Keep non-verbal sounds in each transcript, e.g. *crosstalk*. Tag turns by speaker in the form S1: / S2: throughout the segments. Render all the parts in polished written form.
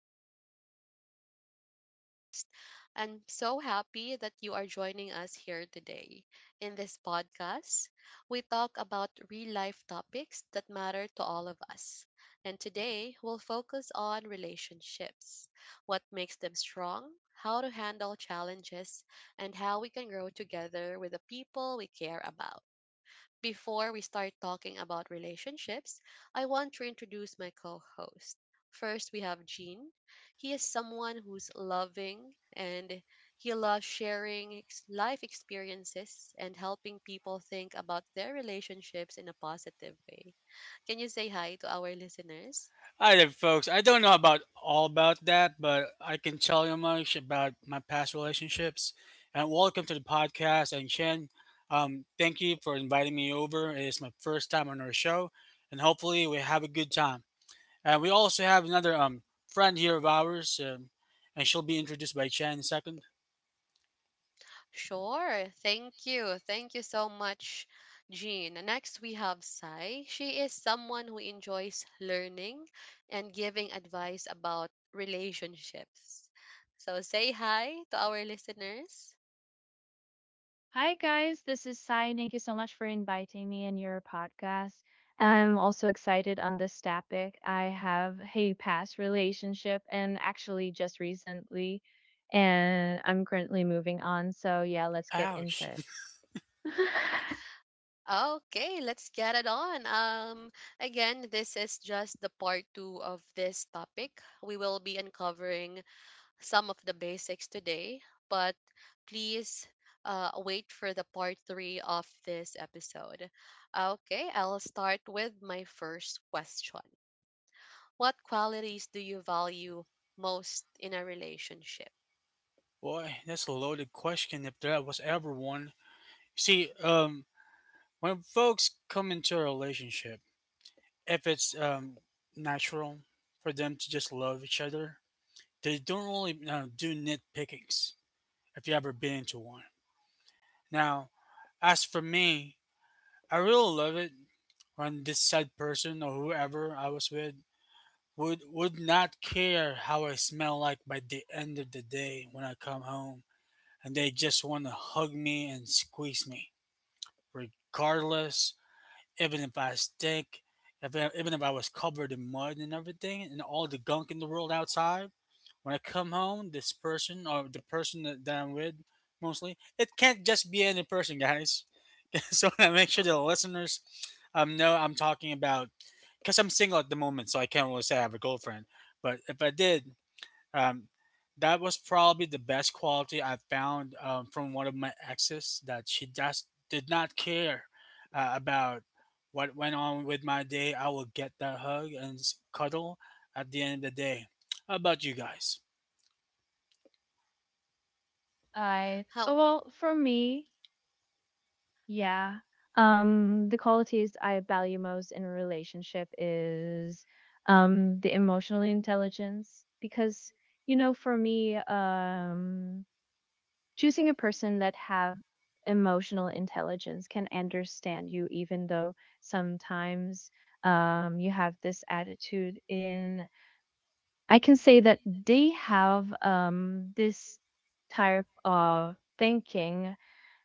S1: podcast. I'm Chin and I'm your host. I'm so happy that you are joining us here today. In this podcast, we talk about real life topics that matter to all of us. And today, we'll focus on relationships: what makes them strong, how to handle challenges, and how we can grow together with the people we care about. Before we start talking about relationships, I want to introduce my co host. First, we have Gene. He is someone who's loving, and he loves sharing life experiences and helping people think about their relationships in a positive way. Can you say hi to our listeners?
S2: Hi there, folks. I don't know about all about that, but I can tell you much about my past relationships. And welcome to the podcast. And Shen, thank you for inviting me over. It is my first time on our show, and hopefully we have a good time. And we also have another friend here of ours, and she'll be introduced by Shen in a second.
S1: Sure. Thank you. Thank you so much, Jean. Next, we have Sai. She is someone who enjoys learning and giving advice about relationships. So say hi to our listeners.
S3: Hi, guys. This is Sai. Thank you so much for inviting me in your podcast. I'm also excited on this topic. I have a past relationship and actually just recently, and I'm currently moving on. So, yeah, let's get into
S2: Ouch,
S3: it. *laughs*
S1: Okay, let's get it on. Again, this is just the part two of this topic. We will be uncovering some of the basics today, but please wait for the part three of this episode. Okay, I'll start with my first question. What qualities do you value most in a relationship?
S2: *laughs* boy, that's a loaded question if there was ever one. See, when folks come into a relationship if it's natural for them to just love each other. They don't really do nitpickings if you ever been into one. Now, as for me, I really love it when this said person or whoever I was with would not care how I smell like by the end of the day when I come home, and they just want to hug me and squeeze me, regardless even if I stink, if I, even if I was covered in mud and everything, and all the gunk in the world outside, when I come home, this person or the person that I'm with, mostly, it can't just be any person, guys. *laughs* so I make sure the listeners know I'm talking about because I'm single at the moment, so I can't really say I have a girlfriend. But if I did, um, that was probably the best quality I found from one of my exes that she just did not care about what went on with my day. I will get that hug and cuddle at the end of the day. How about you guys?
S3: I, oh,
S1: How.
S3: well, for me, yeah. The qualities I value most in a relationship is the emotional intelligence because for me choosing a person that have emotional intelligence can understand you, even though sometimes, you have this attitude in. I can say that they have, this type of thinking,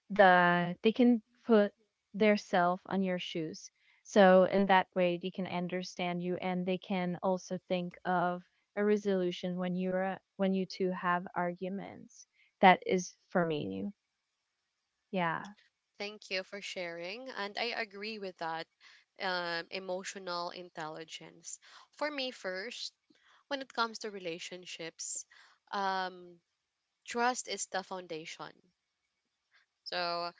S3: that they can put their self on your shoes, so in that way they can understand you, and they can also think of a resolution when you two have arguments. That is for me. Yeah.
S1: Thank you for sharing, and I agree with that. Emotional intelligence. For me, first, when it comes to relationships, um, trust is the foundation. So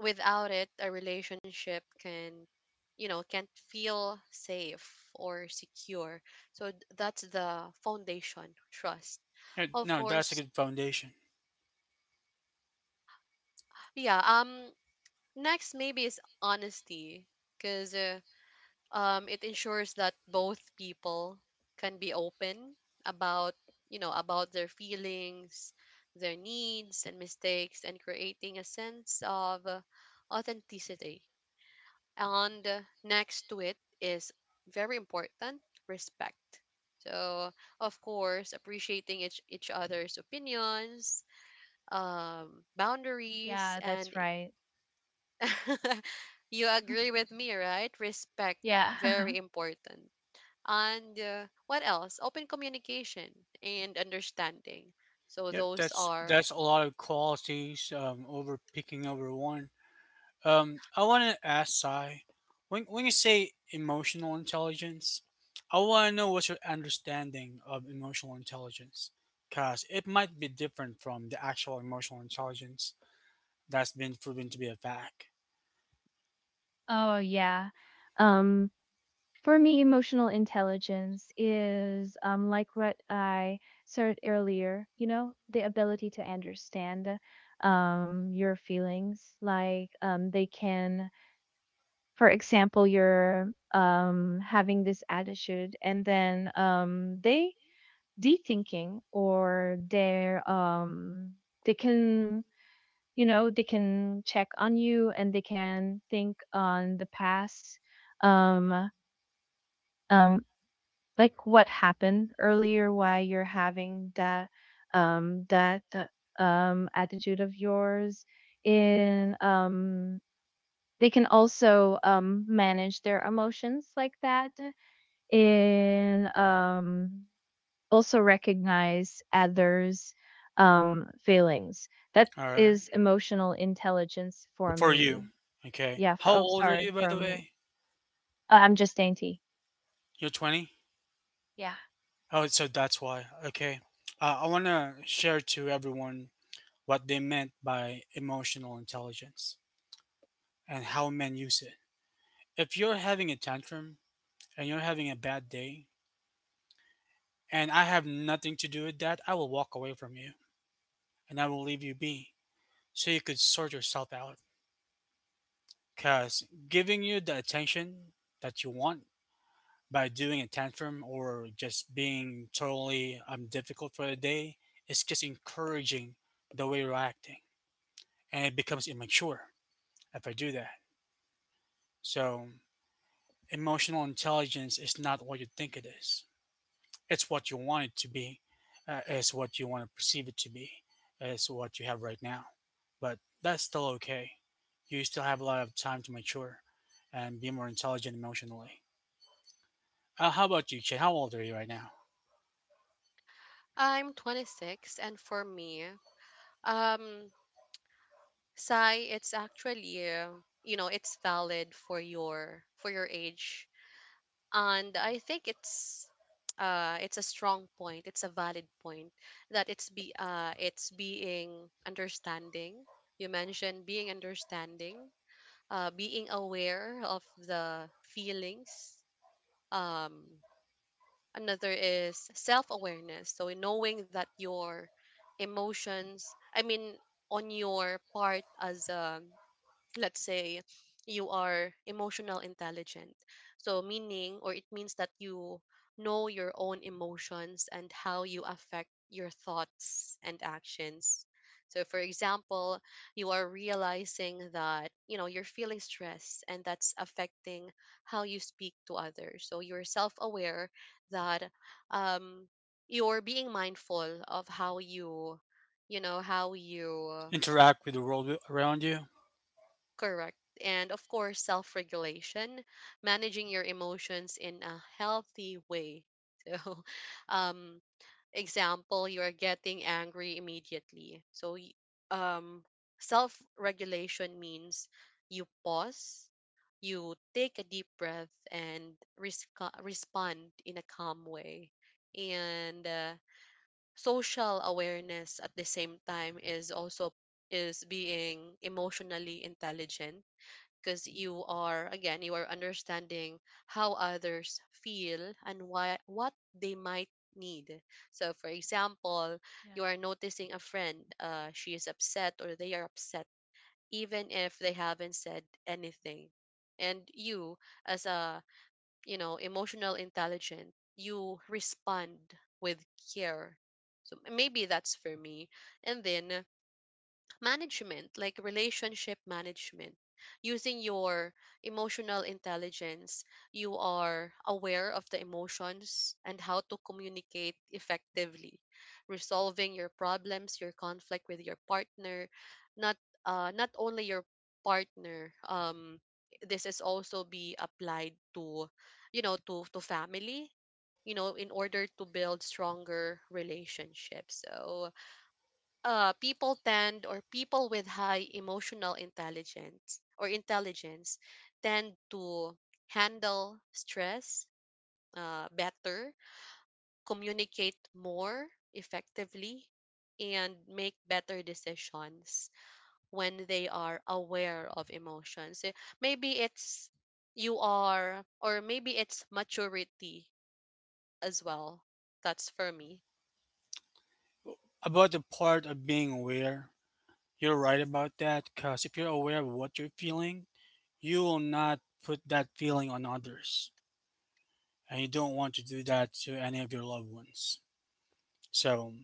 S1: without it, a relationship can, can't feel safe or secure. So that's the foundation, trust.
S2: Hey,
S1: Of
S2: no, that's a
S1: course,
S2: good foundation.
S1: yeah. Next maybe is honesty, because, it ensures that both people can be open about, about their feelings, their needs and mistakes, and creating a sense of authenticity. And next to it is very important: respect. So, of course, appreciating each other's opinions, boundaries,
S3: Yeah,
S1: and
S3: that's right.
S1: *laughs* you agree with me, right? Respect,
S3: Yeah.
S1: very
S3: *laughs*
S1: important. And what else? Open communication and understanding. So,
S2: Yep,
S1: those
S2: that's
S1: are.
S2: that's a lot of qualities over picking over one. I want to ask Sai, when you say emotional intelligence, I want to know what's your understanding of emotional intelligence. Because it might be different from the actual emotional intelligence that's been proven to be a fact.
S3: Oh, yeah. Um, for me, emotional intelligence is, like what I said earlier, you know, the ability to understand, your feelings. Like, they can, for example, you're, having this attitude, and then, they de thinking, or they're, they can, you know, they can check on you, and they can think on the past, um um like what happened earlier, why you're having that, um that attitude of yours in. They can also manage their emotions like that, and also recognize others' feelings. That
S2: Or
S3: is emotional intelligence for
S2: for you,
S3: me.
S2: okay.
S3: Yeah, for
S2: How
S3: oh,
S2: old are
S3: sorry,
S2: you, by the
S3: from
S2: way?
S3: I'm just dainty.
S2: You're 20?
S3: Yeah.
S2: Oh, so that's why. Okay. I want to share to everyone what they meant by emotional intelligence and how men use it. If you're having a tantrum and you're having a bad day and I have nothing to do with that, I will walk away from you and I will leave you be so you could sort yourself out. Because giving you the attention that you want by doing a tantrum or just being totally difficult for the day is just encouraging the way you're acting and it becomes immature if I do that. So, emotional intelligence is not what you think it is. It's what you want it to be. It's what you want to perceive it to be. It's what you have right now. But that's still okay. You still have a lot of time to mature and be more intelligent emotionally. How about you, Che? How old are you right now?
S1: I'm 26, and for me, um, Sai, it's actually, you know, it's valid for your age, and I think it's, it's a strong point. It's a valid point that it's being understanding. You mentioned being understanding, being aware of the feelings. Um, another is self awareness. So knowing that your emotions, I mean, on your part as a, let's say, you are emotional intelligent, so meaning or it means that you know your own emotions and how you affect your thoughts and actions. So, for example, you are realizing that, you know, you're feeling stress, and that's affecting how you speak to others, so you're self-aware that, um you're being mindful of how you.
S2: Interact with the world around you.
S1: Correct. And of course, self regulation: managing your emotions in a healthy way. *laughs* So, um, example, you are getting angry immediately. So, um, self regulation means you pause, you take a deep breath, and respond in a calm way. And social awareness at the same time is also is being emotionally intelligent, because you are, again, you are understanding how others feel and why, what they might need. So, for example, you
S3: Yeah.
S1: are noticing a friend, she is upset, or they are upset, even if they haven't said anything, and you, as a, emotional intelligent, you respond with care. So maybe that's for me. And then management, like relationship management, using your emotional intelligence, you are aware of the emotions and how to communicate effectively, resolving your problems, your conflict with your partner, not not only your partner. This is also be applied to family, in order to build stronger relationships. So, people tend or people with high emotional intelligence or intelligence tend to handle stress, better, communicate more effectively, and make better decisions when they are aware of emotions. Eh, Maybe it's you are, or maybe it's maturity as well. That's for me.
S2: About the part of being aware, you're right about that because if you're aware of what you're feeling, you will not put that feeling on others. And you don't want to do that to any of your loved ones. So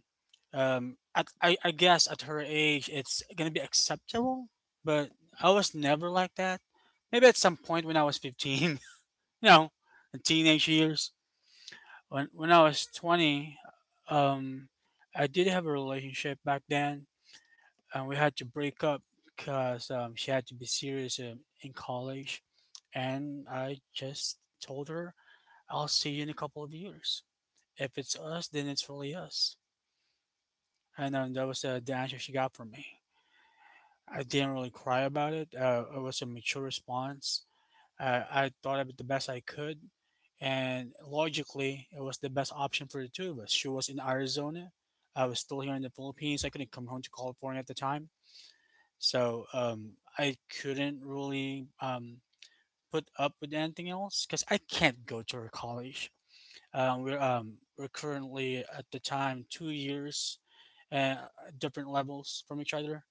S2: um at I, I guess at her age it's gonna be acceptable, but I was never like that. Maybe at some point when I was 15, *laughs* you know, in teenage years, when I was 20, um I did have a relationship back then, and we had to break up because she had to be serious in college, and I just told her I'll see you in a couple of years. If it's us, then it's really us. And that was the answer she got from me. I didn't really cry about it. It was a mature response. I thought of it the best I could, and logically, it was the best option for the two of us. She was in Arizona. I was still here in the Philippines. I couldn't come home to California at the time, so I couldn't really put up with anything else because I can't go to her college. We're currently at the time 2 years uh, different levels from each other,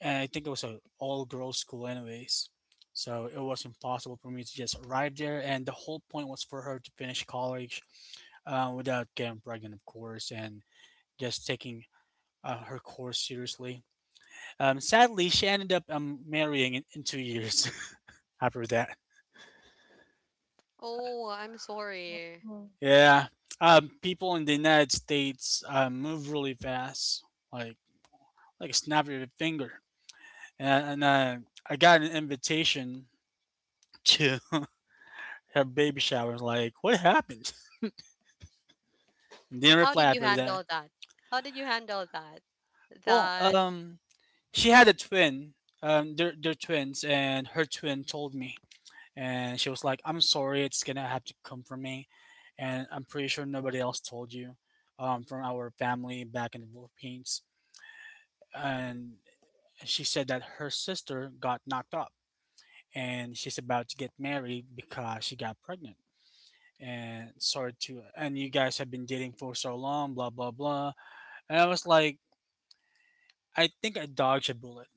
S2: and I think it was a all girls school anyways. So it was impossible for me to just arrive there, and the whole point was for her to finish college without getting pregnant, of course, and just taking her course seriously. Sadly, she ended up marrying in 2 years *laughs* after that.
S1: Oh, I'm sorry.
S3: Oh,
S2: Yeah, people in the United States move really fast, like like a snap of a finger. And I got an invitation to *laughs* her baby shower. Like, what happened? Didn't
S1: How
S2: reply
S1: did you
S2: after that.
S1: handle that? How did you handle that?
S2: Well,
S1: That.
S2: she had a twin. They're twins, and her twin told me, and she was like, "I'm sorry, it's gonna have to come from me, and I'm pretty sure nobody else told you, from our family back in the Philippines." And she said that her sister got knocked up, and she's about to get married because she got pregnant. And sorry to, and you guys have been dating for so long, blah blah blah. And I was like, I think I dodged a bullet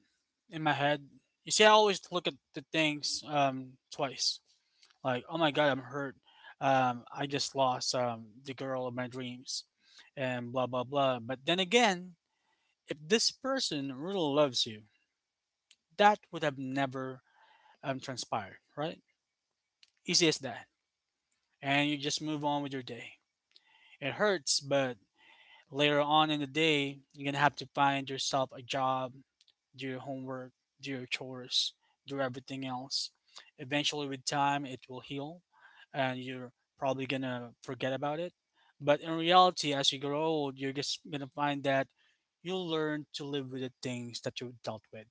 S2: in my head. You see, I always look at the things twice. Like, oh my god, I'm hurt. I just lost the girl of my dreams, and blah blah blah. But then again, if this person really loves you, that would have never transpired, right? Easy as that. And you just move on with your day. It hurts, but later on in the day, you're gonna have to find yourself a job, do your homework, do your chores, do everything else. Eventually, with time, it will heal and you're probably gonna forget about it. But in reality, as you grow old, you're just gonna find that you'll learn to live with the things that you dealt with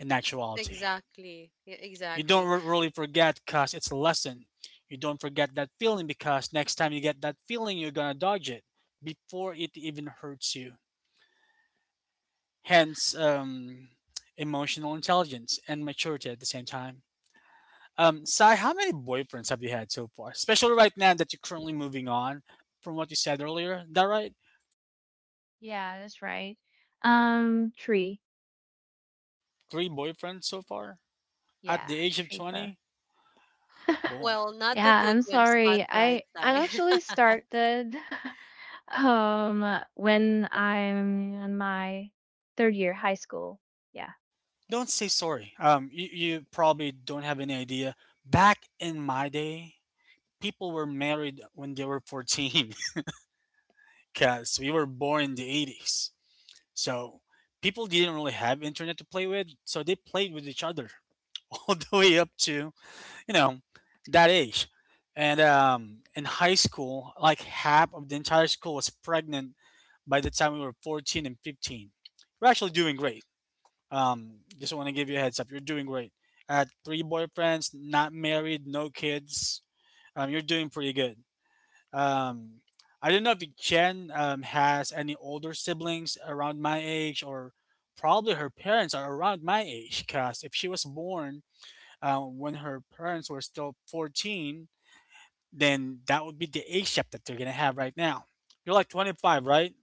S2: in actuality.
S1: Exactly, yeah,
S2: You don't
S1: exactly.
S2: really forget because it's a lesson. You don't forget that feeling, because next time you get that feeling, you're gonna dodge it before it even hurts you, hence emotional intelligence and maturity at the same time. Sai, how many boyfriends have you had so far? Especially right now that you're currently moving on from what you said earlier. Is that right?
S3: yeah, that's right. Tree.
S2: Three boyfriends so far at
S3: Yeah,
S2: the age of
S3: tree player.
S2: 20?
S3: *laughs*
S2: Boy,
S1: Well, not
S3: Yeah,
S1: to put
S3: I'm
S1: you on
S3: sorry.
S1: spotlight,
S3: I
S1: Sai.
S3: I actually
S1: *laughs*
S3: started *laughs* when I'm in my third year high school. Yeah.
S2: don't say sorry. You probably don't have any idea. Back in my day, people were married when they were 14 *laughs* because we were born in the 80s. So people didn't really have internet to play with, so they played with each other. *laughs* all the way up to, you know, that age. And in high school, like half of the entire school was pregnant by the time we were 14 and 15. We're actually doing great. Just want to give you a heads up. You're doing great. At three boyfriends, not married, no kids. You're doing pretty good. Um, I don't know if Jen has any older siblings around my age, or probably her parents are around my age. Cause if she was born when her parents were still 14, then that would be the age gap that they're gonna have right now. You're like 25, right?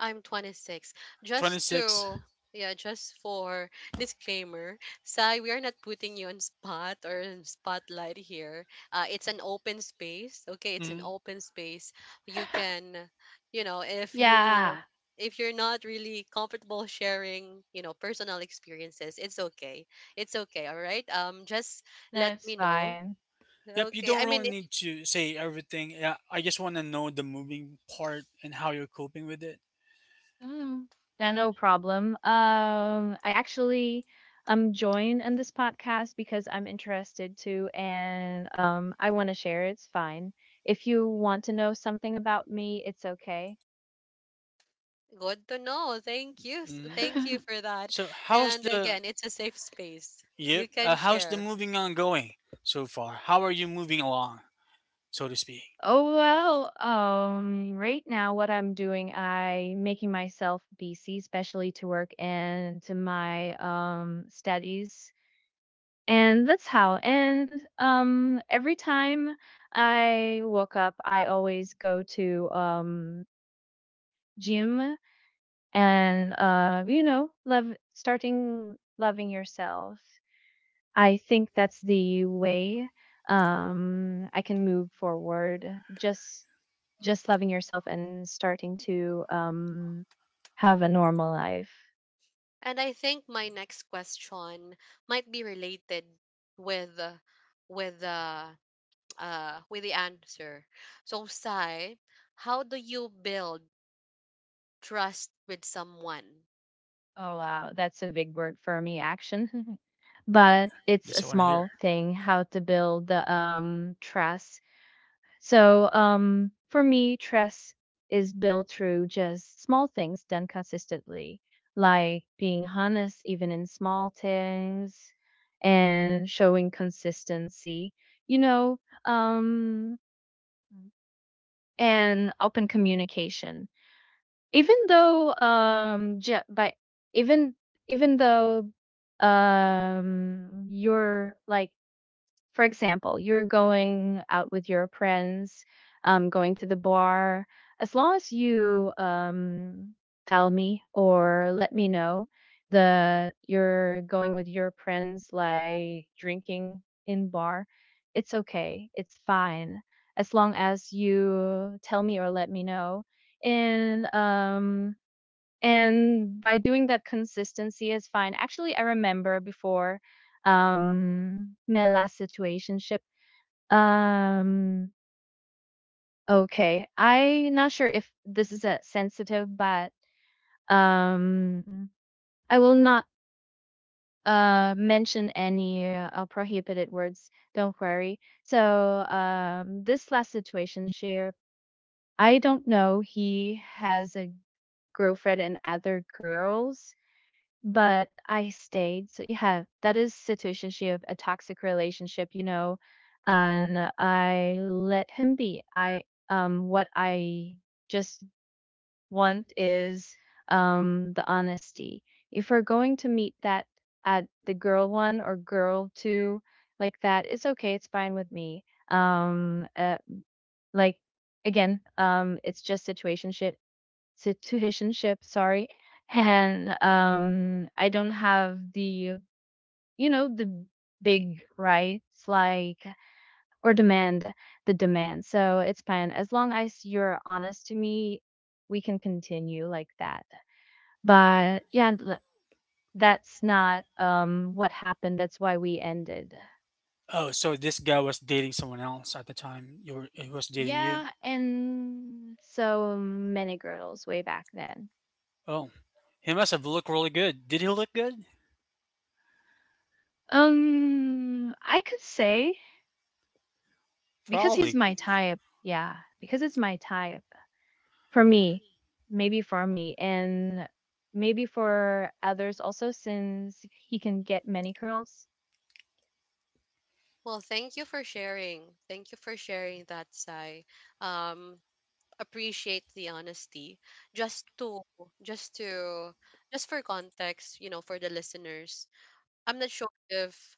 S1: I'm 26. Just
S2: 26.
S1: to, yeah, just for disclaimer, Sai, we are not putting you on spot or in spotlight here. It's an open space. Okay, it's an
S2: Mm-hmm.
S1: open space. You
S3: *laughs*
S1: can, you know, if you
S3: Yeah,
S1: if you're not really comfortable sharing, personal experiences, it's okay. It's okay. All right. Just let
S3: that's
S1: me know.
S3: fine.
S2: Yep. You
S1: Okay.
S2: don't
S1: I mean,
S2: really need to say everything. Yeah, I just want to know the moving part and how you're coping with it.
S3: Mm. Yeah, no problem. I actually joined in this podcast because I'm interested to, and I want to share. It's fine. If you want to know something about me, it's okay.
S1: good to know. Thank you.
S2: Hmm
S1: Thank you
S3: *laughs*
S1: for that.
S2: So how's
S1: And
S2: the
S1: again, it's a safe space. You
S2: yep?
S1: can
S2: How's the
S1: share.
S2: moving on going so far? How are you moving along, so to speak?
S3: Oh well, right now what I'm doing, I making myself busy, especially to work and to my studies. And that's how. And every time I woke up, I always go to, gym, and you know, love starting loving yourself. I think that's the way I can move forward. Just just loving yourself and starting to, have a normal life.
S1: And I think my next question might be related with uh, with uh, with the answer. So, Sai, how do you build trust with someone?
S3: Oh, wow. That's a big word for me, action. *laughs* But it's
S2: That's
S3: a
S2: what I want to hear.
S3: small thing how to build the trust. So, for me, trust is built through just small things done consistently, like being honest even in small things and showing consistency. You know, um and open communication, even though um ju- by even even though you're like, for example, you're going out with your friends, going to the bar, as long as you, tell me or let me know that you're going with your friends like drinking in bar, it's okay. It's fine, as long as you tell me or let me know. And and by doing that consistency is fine. Actually, I remember before, my last situationship. um okay, I not sure if this is a sensitive, but um I will not mention any prohibited words, don't worry. So this last situation share, I don't know he has a girlfriend and other girls. But I stayed. So yeah, that is situationship, a toxic relationship, you know. And I let him be. I, what I just want is, the honesty. If we're going to meet that at the girl one or girl two like that, it's okay, it's fine with me. Um uh, like, again, it's just situationship, sorry. *laughs* And I don't have the, you know, the big rights like, or demand. So it's fine. As long as you're honest to me, we can continue like that. But yeah, that's not what happened. That's why we ended.
S2: Oh, so this guy was dating someone else at the time. You were, he was dating you.
S3: Yeah, and so many girls way back then.
S2: Oh, he must have looked really good. Did he look good?
S3: I could say because he's
S2: Probably.
S3: my type. Yeah, because it's my type. For me, maybe for me, and maybe for others also, since he can get many curls.
S1: Well, thank you for sharing. Thank you for sharing that, Sai. Um, appreciate the honesty, just to just to just for context, for the listeners. I'm not sure if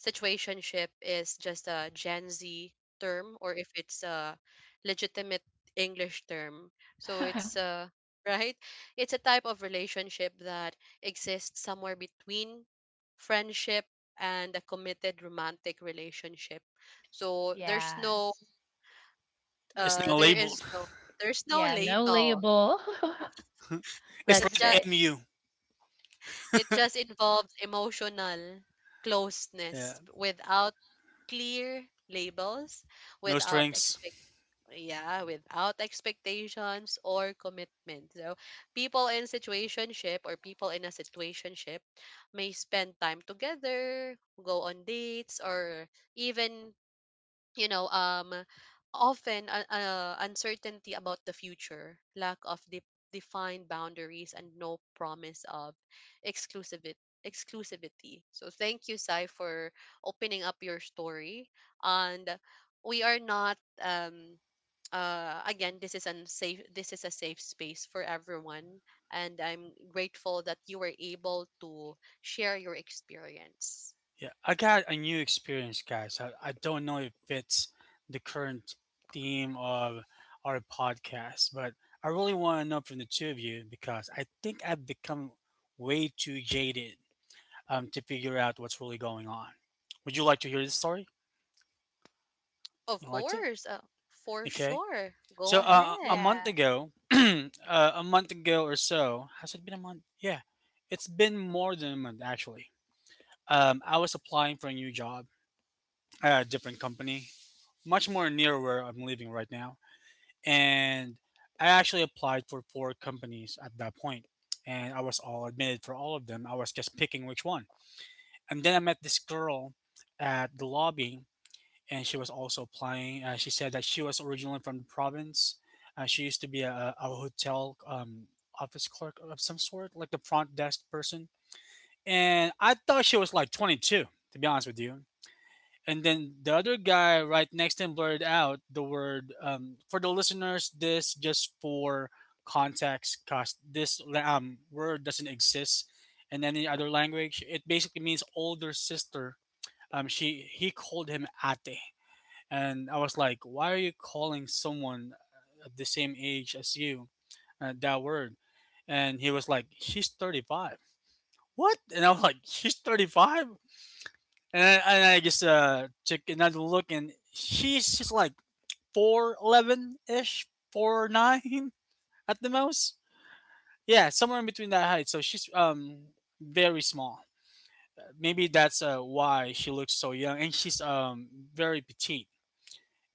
S1: situationship is just a gen Z term or if it's a legitimate English term, so it's,
S3: *laughs*
S1: *laughs* right, it's a type of relationship that exists somewhere between friendship and a committed romantic relationship, so there's no
S3: Yes.
S2: It's not
S1: there is
S2: labeled.
S1: no there's no
S3: Yeah, no
S1: label.
S3: label. *laughs*
S2: *laughs* it's
S1: It
S3: That's
S2: like
S3: it.
S1: just,
S2: MU.
S1: it just involves emotional closeness
S2: Yeah.
S1: without clear labels,
S2: No
S1: without
S2: strings.
S1: expect yeah, without expectations or commitment. So people in situationship, or people in a situationship may spend time together, go on dates, or even, you know um often, uncertainty about the future, lack of defined boundaries, and no promise of exclusivity exclusivity. So thank you, Sai, for opening up your story, and we are not, again, this is a safe space for everyone, and I'm grateful that you were able to share your experience.
S2: Yeah. I got a new experience, guys. I don't know if it's the current theme of our podcast, but I really want to know from the two of you because I think I've become way too jaded to figure out what's really going on. Would you like to hear this story?
S1: Of
S2: Would you like to?
S1: course. For
S2: Okay.
S1: sure. Go
S2: So a
S1: ahead.
S2: month
S3: Yeah.
S2: ago, *clears throat* a month ago or so, has it been a month? Yeah, it's been more than a month actually. I was applying for a new job at a different company, much more near where I'm living right now, and I actually applied for four companies at that point, and I was all admitted for all of them. I was just picking which one, and then I met this girl at the lobby and she was also applying. She said that she was originally from the province. She used to be a hotel office clerk of some sort, like the front desk person. And I thought she was like 22, to be honest with you. And then the other guy right next to him blurted out the word for the listeners. This just for context, cause this word doesn't exist in any other language. It basically means older sister. She he called him ate, and I was like, why are you calling someone at the same age as you that word? And he was like, she's 35. What? And I was like, she's 35? And I just took another look, and she's just like 4'11 ish, 4'9 at the most. Yeah, somewhere in between that height. So she's very small. Maybe that's why she looks so young, and she's very petite,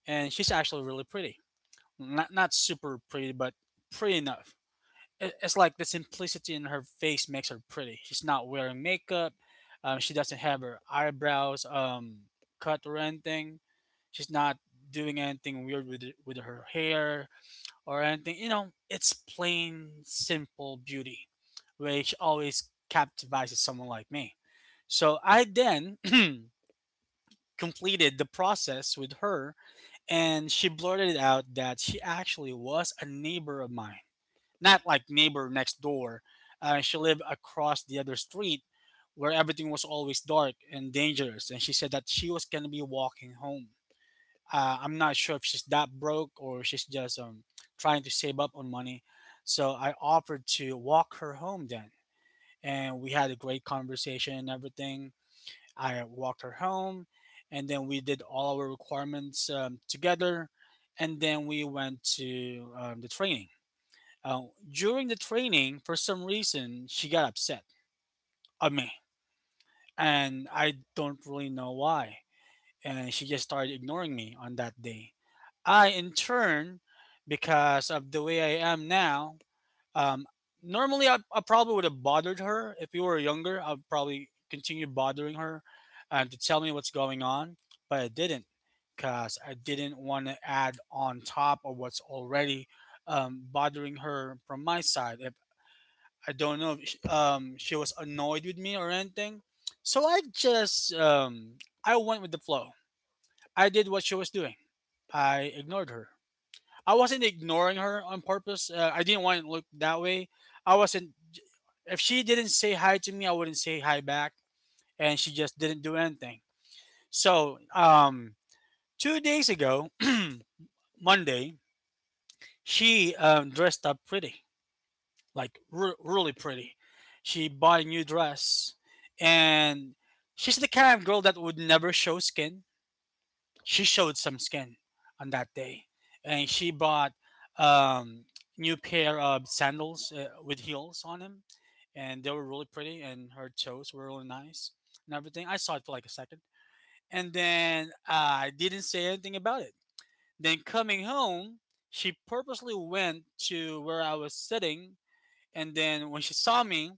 S2: and she's actually really pretty. Not super pretty, but pretty enough. It's like the simplicity in her face makes her pretty. She's not wearing makeup. She doesn't have her eyebrows cut or anything. She's not doing anything weird with her hair or anything. You know, it's plain, simple beauty, which always captivates someone like me. So I then *clears throat* completed the process with her, and she blurted out that she actually was a neighbor of mine. Not like neighbor next door. She lived across the other street where everything was always dark and dangerous. And she said that she was going to be walking home. I'm not sure if she's that broke or she's just trying to save up on money. So I offered to walk her home then. And we had a great conversation and everything. I walked her home, and then we did all our requirements together, and then we went to the training. Uh, During the training, for some reason, she got upset at me, and I don't really know why. And she just started ignoring me on that day. I, in turn, because of the way I am now, um, normally, I probably would have bothered her if you were younger. I'd probably continue bothering her and to tell me what's going on, but I didn't because I didn't want to add on top of what's already bothering her from my side. If I don't know if sh she was annoyed with me or anything, so I just I went with the flow. I did what she was doing. I ignored her. I wasn't ignoring her on purpose. I didn't want it to look that way. I wasn't, if she didn't say hi to me, I wouldn't say hi back, and she just didn't do anything. So, 2 days ago, *clears throat* Monday, she dressed up pretty, like really pretty. She bought a new dress, and she's the kind of girl that would never show skin. She showed some skin on that day, and she bought um, new pair of sandals with heels on them, and they were really pretty, and her toes were really nice and everything. I saw it for like a second, and then I didn't say anything about it. Then coming home, she purposely went to where I was sitting, and then when she saw me,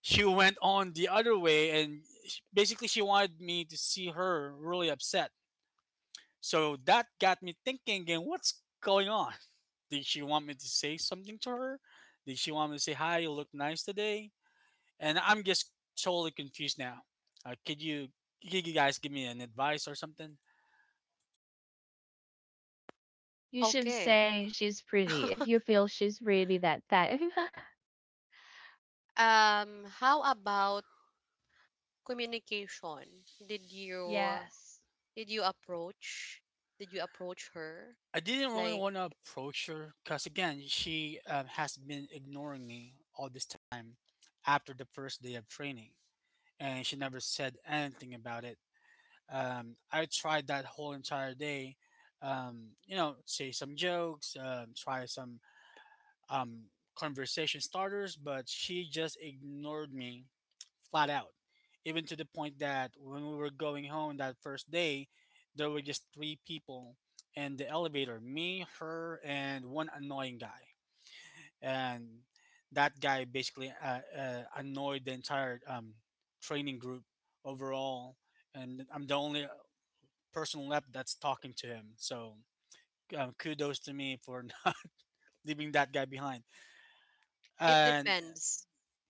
S2: she went on the other way, and basically she wanted me to see her really upset. So that got me thinking again, what's going on? *laughs* Did she want me to say something to her? Did she want me to say hi? You look nice today. And I'm just totally confused now. Uh, could you could you guys give me an advice or something?
S3: You should
S1: Okay.
S3: say she's pretty
S1: *laughs*
S3: if you feel she's really that type. *laughs*
S1: How about communication?
S3: Yes.
S1: Did you approach did you approach her?
S2: I didn't really
S1: Like,
S2: want to approach her because again, she has been ignoring me all this time after the first day of training, and she never said anything about it. I tried that whole entire day, say some jokes, try some conversation starters, but she just ignored me flat out. Even to the point that when we were going home that first day, there were just three people in the elevator, me, her, and one annoying guy. And that guy basically annoyed the entire training group overall. And I'm the only person left that's talking to him. So kudos to me for *laughs* not leaving that guy behind.
S1: it
S2: And
S1: depends.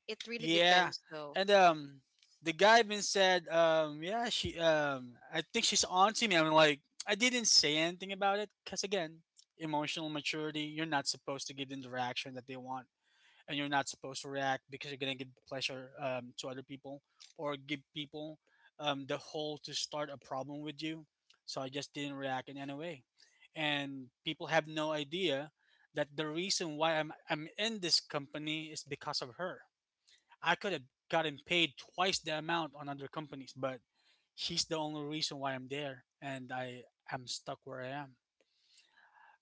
S1: It really
S2: yeah,
S1: depends though.
S2: and the guy even said, yeah, she, I think she's on to me. I'm like, I didn't say anything about it because again, emotional maturity. You're not supposed to give them the reaction that they want, and you're not supposed to react because you're gonna give pleasure to other people, or give people the hole to start a problem with you. So I just didn't react in any way, and people have no idea that the reason why I'm in this company is because of her. I could have gotten paid twice the amount on other companies, but she's the only reason why I'm there, and I am stuck where I am.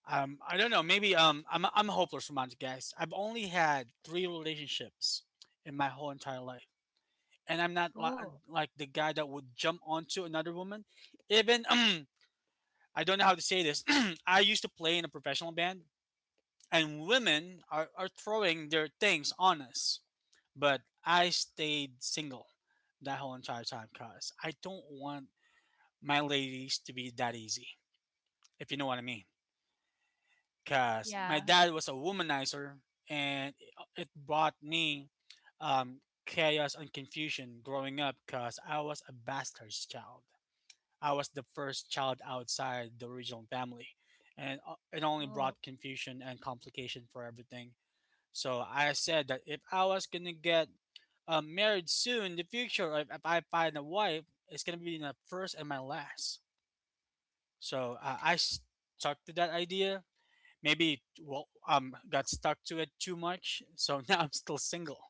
S2: I don't know. Maybe I'm a hopeless romantic, guys. I've only had three relationships in my whole entire life, and I'm not
S3: Oh,
S2: like the guy that would jump onto another woman. Even *clears throat* I don't know how to say this. *clears throat* I used to play in a professional band, and women are throwing their things on us. But I stayed single that whole entire time because I don't want my ladies to be that easy, if you know what I mean. Because my
S3: yeah.
S2: dad was a womanizer, and it brought me chaos and confusion growing up because I was a bastard's child. I was the first child outside the original family, and it only
S3: Oh,
S2: brought confusion and complication for everything. So I said that if I was gonna get I married soon in the future. If I find a wife, it's gonna be my first and my last. So I stuck to that idea. Maybe well, got stuck to it too much. So *laughs* now I'm still single.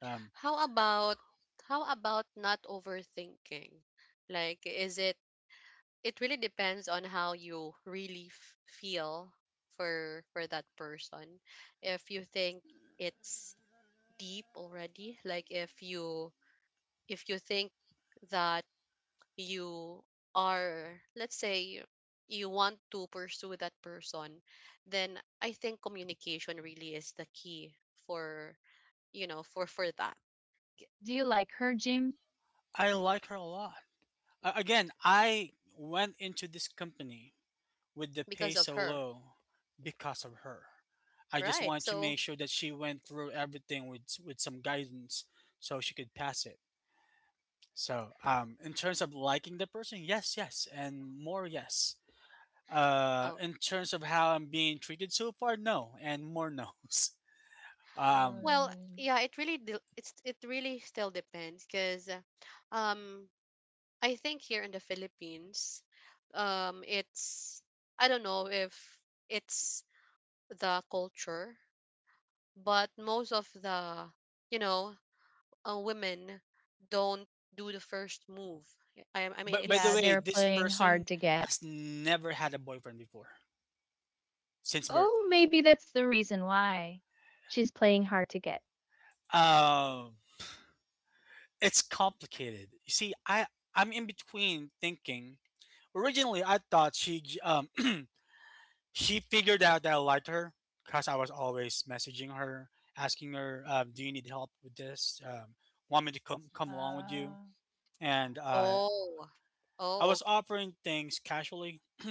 S2: Um,
S1: How about, not overthinking? Like is it it really depends on how you really feel for that person. If you think it's deep already, like if you think that, you are let's say, you want to pursue that person, then I think communication really is the key for you know for that,
S3: do you like her, Jim?
S2: I like her a lot. Again, I went into this company with the pay
S1: because of
S2: so
S1: her.
S2: low because of her. I just
S1: Right.
S2: wanted to
S1: So,
S2: make sure that she went through everything with some guidance, so she could pass it. So, in terms of liking the person, yes, yes, and more, yes.
S1: oh,
S2: In terms of how I'm being treated so far, no, and more no's. *laughs* Um,
S1: well,
S3: Um,
S1: yeah, it really still depends, because um I think here in the Philippines, it's I don't know if it's the culture, but most of the, you know, women don't do the first move. I
S2: but,
S1: I mean
S2: but by the
S3: yeah,
S1: it's
S2: way,
S3: they're
S2: this
S3: playing hard
S2: person
S3: to get.
S2: has never had a boyfriend before since birth.
S3: Oh, maybe that's the reason why. She's playing hard to get.
S2: Um, it's complicated. You see, I'm in between thinking. Originally, I thought she *clears throat* she figured out that I liked her because I was always messaging her, asking her, "Do you need help with this? Want me to come along with you?"
S3: Uh,
S2: And
S1: oh.
S2: I
S1: Oh,
S2: was
S1: okay.
S2: offering things casually, *clears throat*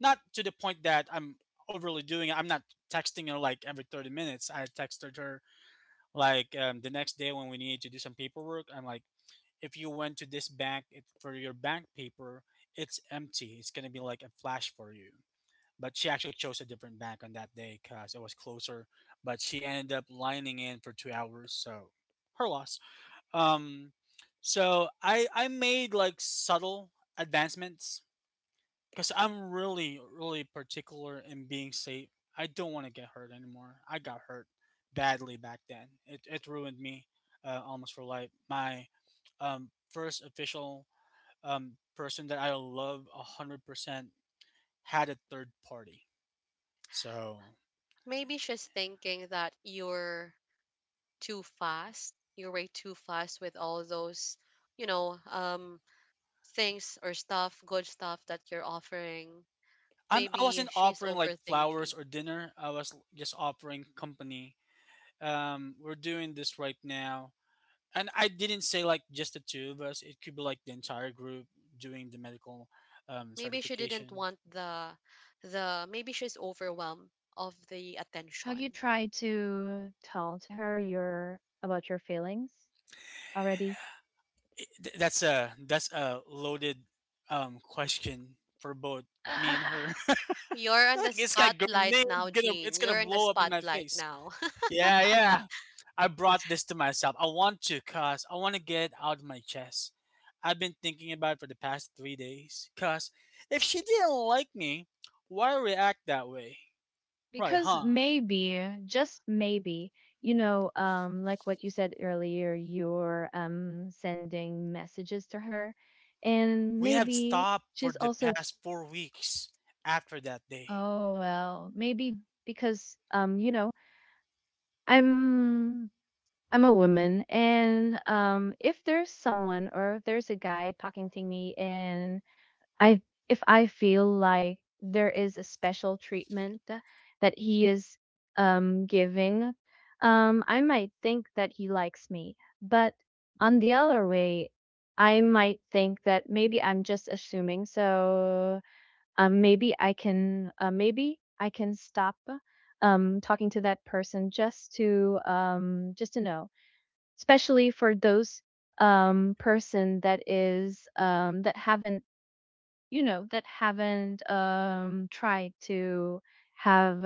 S2: not to the point that I'm overly doing it. I'm not texting her like every 30 minutes. I texted her like the next day when we needed to do some paperwork. I'm like, if you went to this bank for your bank paper, it's empty. It's gonna be like a flash for you, but she actually chose a different bank on that day because it was closer. But she ended up lining in for 2 hours, so her loss. Um, so I made like subtle advancements because I'm really really particular in being safe. I don't want to get hurt anymore. I got hurt badly back then. It ruined me almost for life. My first official person that I love 100% had a third party. So
S1: Maybe she's thinking that you're too fast. You were too fast with all those, you know, um, things or stuff, good stuff that you're offering.
S2: I
S1: Maybe
S2: wasn't
S1: she's
S2: offering like
S1: overthinking.
S2: flowers or dinner. I was just offering company. We're doing this right now. And I didn't say like just the two of us. It could be like the entire group doing the medical
S1: Maybe she didn't
S2: certification.
S1: want the. Maybe she's overwhelmed of the
S3: have you
S1: attention.
S3: tried to tell to her your about your feelings already.
S2: That's a loaded question for both me and her.
S3: *sighs*
S2: *laughs*
S1: You're on the
S2: Like
S1: spotlight now,
S2: it's
S1: Jean.
S2: gonna
S1: You're in the
S2: blow up in my
S1: spotlight
S2: face.
S1: now. *laughs*
S2: Yeah, yeah. I brought this to myself. I want to, cause I want to get it out of my chest. I've been thinking about it for the past 3 days. Cause if she didn't like me, why react that way? Right,
S3: Because
S2: huh?
S3: maybe, just maybe, you know, like what you said earlier, you're sending messages to her, and
S2: We have
S3: maybe
S2: stopped for
S3: she's
S2: the
S3: also.
S2: past 4 weeks after that day.
S3: Oh well, maybe because I'm I'm a woman, and if there's someone or if there's a guy talking to me, and I if I feel like there is a special treatment that he is, giving, I might think that he likes me. But on the other way, I might think that maybe I'm just assuming. So, maybe I can, maybe I can stop, talking to that person, just to, just to know, especially for those, person that is that haven't, you know, that haven't tried to have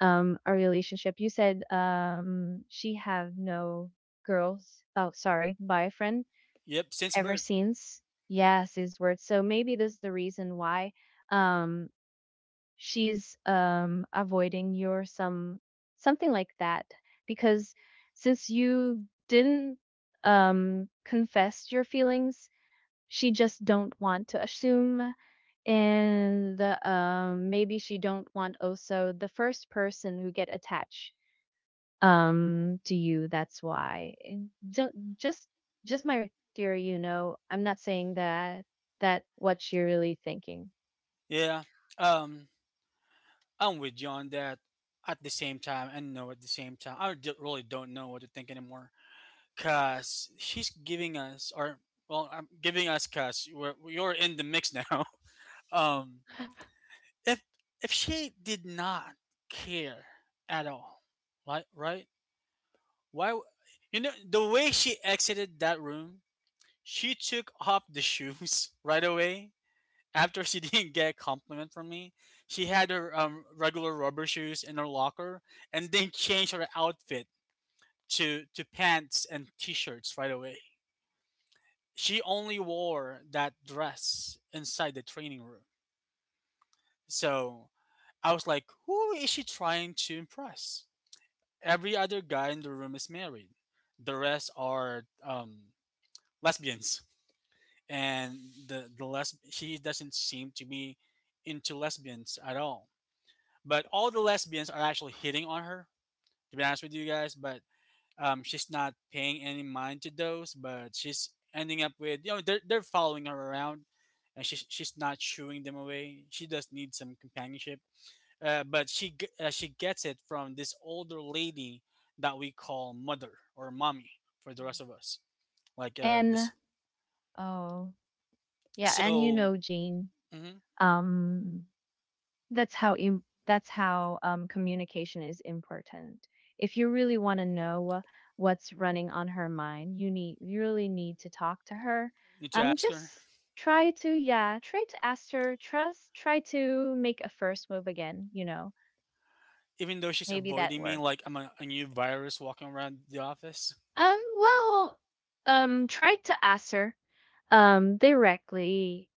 S3: a relationship. You said she have no girls, oh sorry, boyfriend
S2: Yep, since
S3: ever
S2: birth.
S3: since. Yes, his words. So maybe this is the reason why, um she's avoiding you or some something like that, because since you didn't confess your feelings, she just don't want to assume. And maybe she don't want also the first person who get attached to you. That's why. And just my theory, you know. I'm not saying that that what you're really thinking.
S2: Yeah. Um, I'm with you on that at the same time, and no at the same time. I really don't know what to think anymore. Cause she's giving us, or well, I'm giving us, cause you're in the mix now. *laughs* Um, if if she did not care at all, right? Right? Why? w- You know the way she exited that room. She took off the shoes *laughs* right away after she *laughs* didn't get a compliment from me. She had her regular rubber shoes in her locker and then changed her outfit to pants and t-shirts right away. She only wore that dress inside the training room. So I was like, who is she trying to impress? Every other guy in the room is married. The rest are lesbians, and she doesn't seem to be into lesbians at all. But all the lesbians are actually hitting on her. To be honest with you guys, but she's not paying any mind to those. But she's ending up with they're following her around, and she's not shooing them away. She does need some companionship but she gets it from this older lady that we call mother or mommy for the rest of us. Like uh,
S3: And
S2: this,
S3: oh, yeah,
S2: so
S3: and you know, Jean,
S2: mhm,
S3: um, that's how, communication is important. If you really want to know what's running on her mind, you really need to talk to her.
S2: Need to ask her.
S3: Just try to, yeah, try to ask her, trust, try to make a first move again. You know,
S2: Even though she's
S3: maybe that
S2: avoiding me,
S3: works.
S2: like I'm a new virus walking around the office,
S3: Well, try to ask her directly,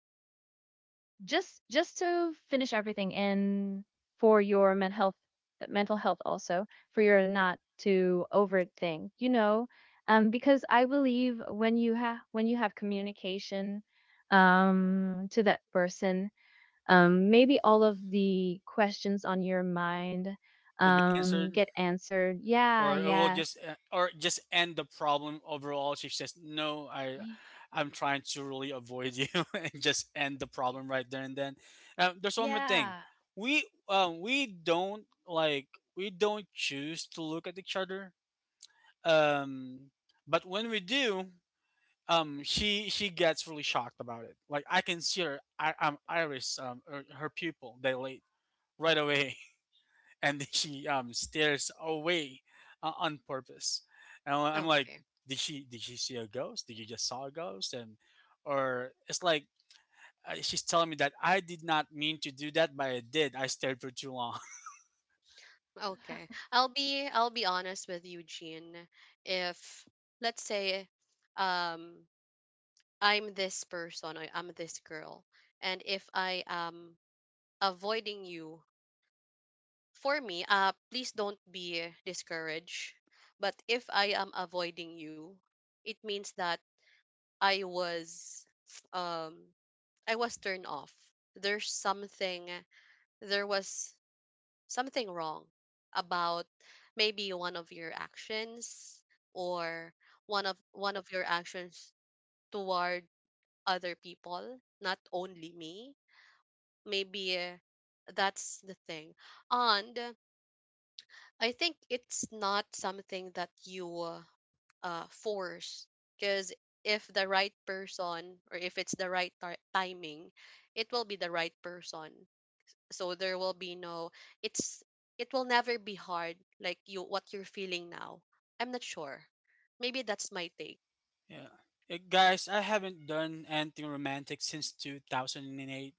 S3: just to finish everything and for your mental health, mental health also, for your not to over thing, you know. Because I believe, when you have communication to that person, maybe all of the questions on your mind
S2: will be answered.
S3: get answered. Yeah,
S2: Or it will just
S3: yes.
S2: or just end the problem overall. She says, "No, I
S3: y-
S2: I'm trying to really avoid you." *laughs* And just end the problem right there and then. There's one more thing.
S3: yeah.
S2: We don't like we don't choose to look at each other, um but when we do, she gets really shocked about it. Like I can see her iris, her, pupil dilate right away, and *laughs* she stares away on purpose. And I'm like,
S1: Okay.
S2: did she see a ghost? Did you just saw a ghost? And or it's like she's telling me that I did not mean to do that, but I did. I stared for too long.
S1: Okay. I'll be honest with you, Jean. If, let's say, um I'm this person, I'm this girl. And if I am avoiding you, for me, please don't be discouraged. But if I am avoiding you, it means that I was um I was turned off. There's something there was something wrong about maybe one of your actions, or one of your actions toward other people, not only me. Maybe, that's the thing. And I think it's not something that you, force, because if the right person or if it's the right timing, it will be the right person. So there will be no it's it will never be hard, like you, what you're feeling now. I'm not sure. Maybe that's my take.
S2: *laughs* Yeah. Guys, I haven't done anything romantic since 2008.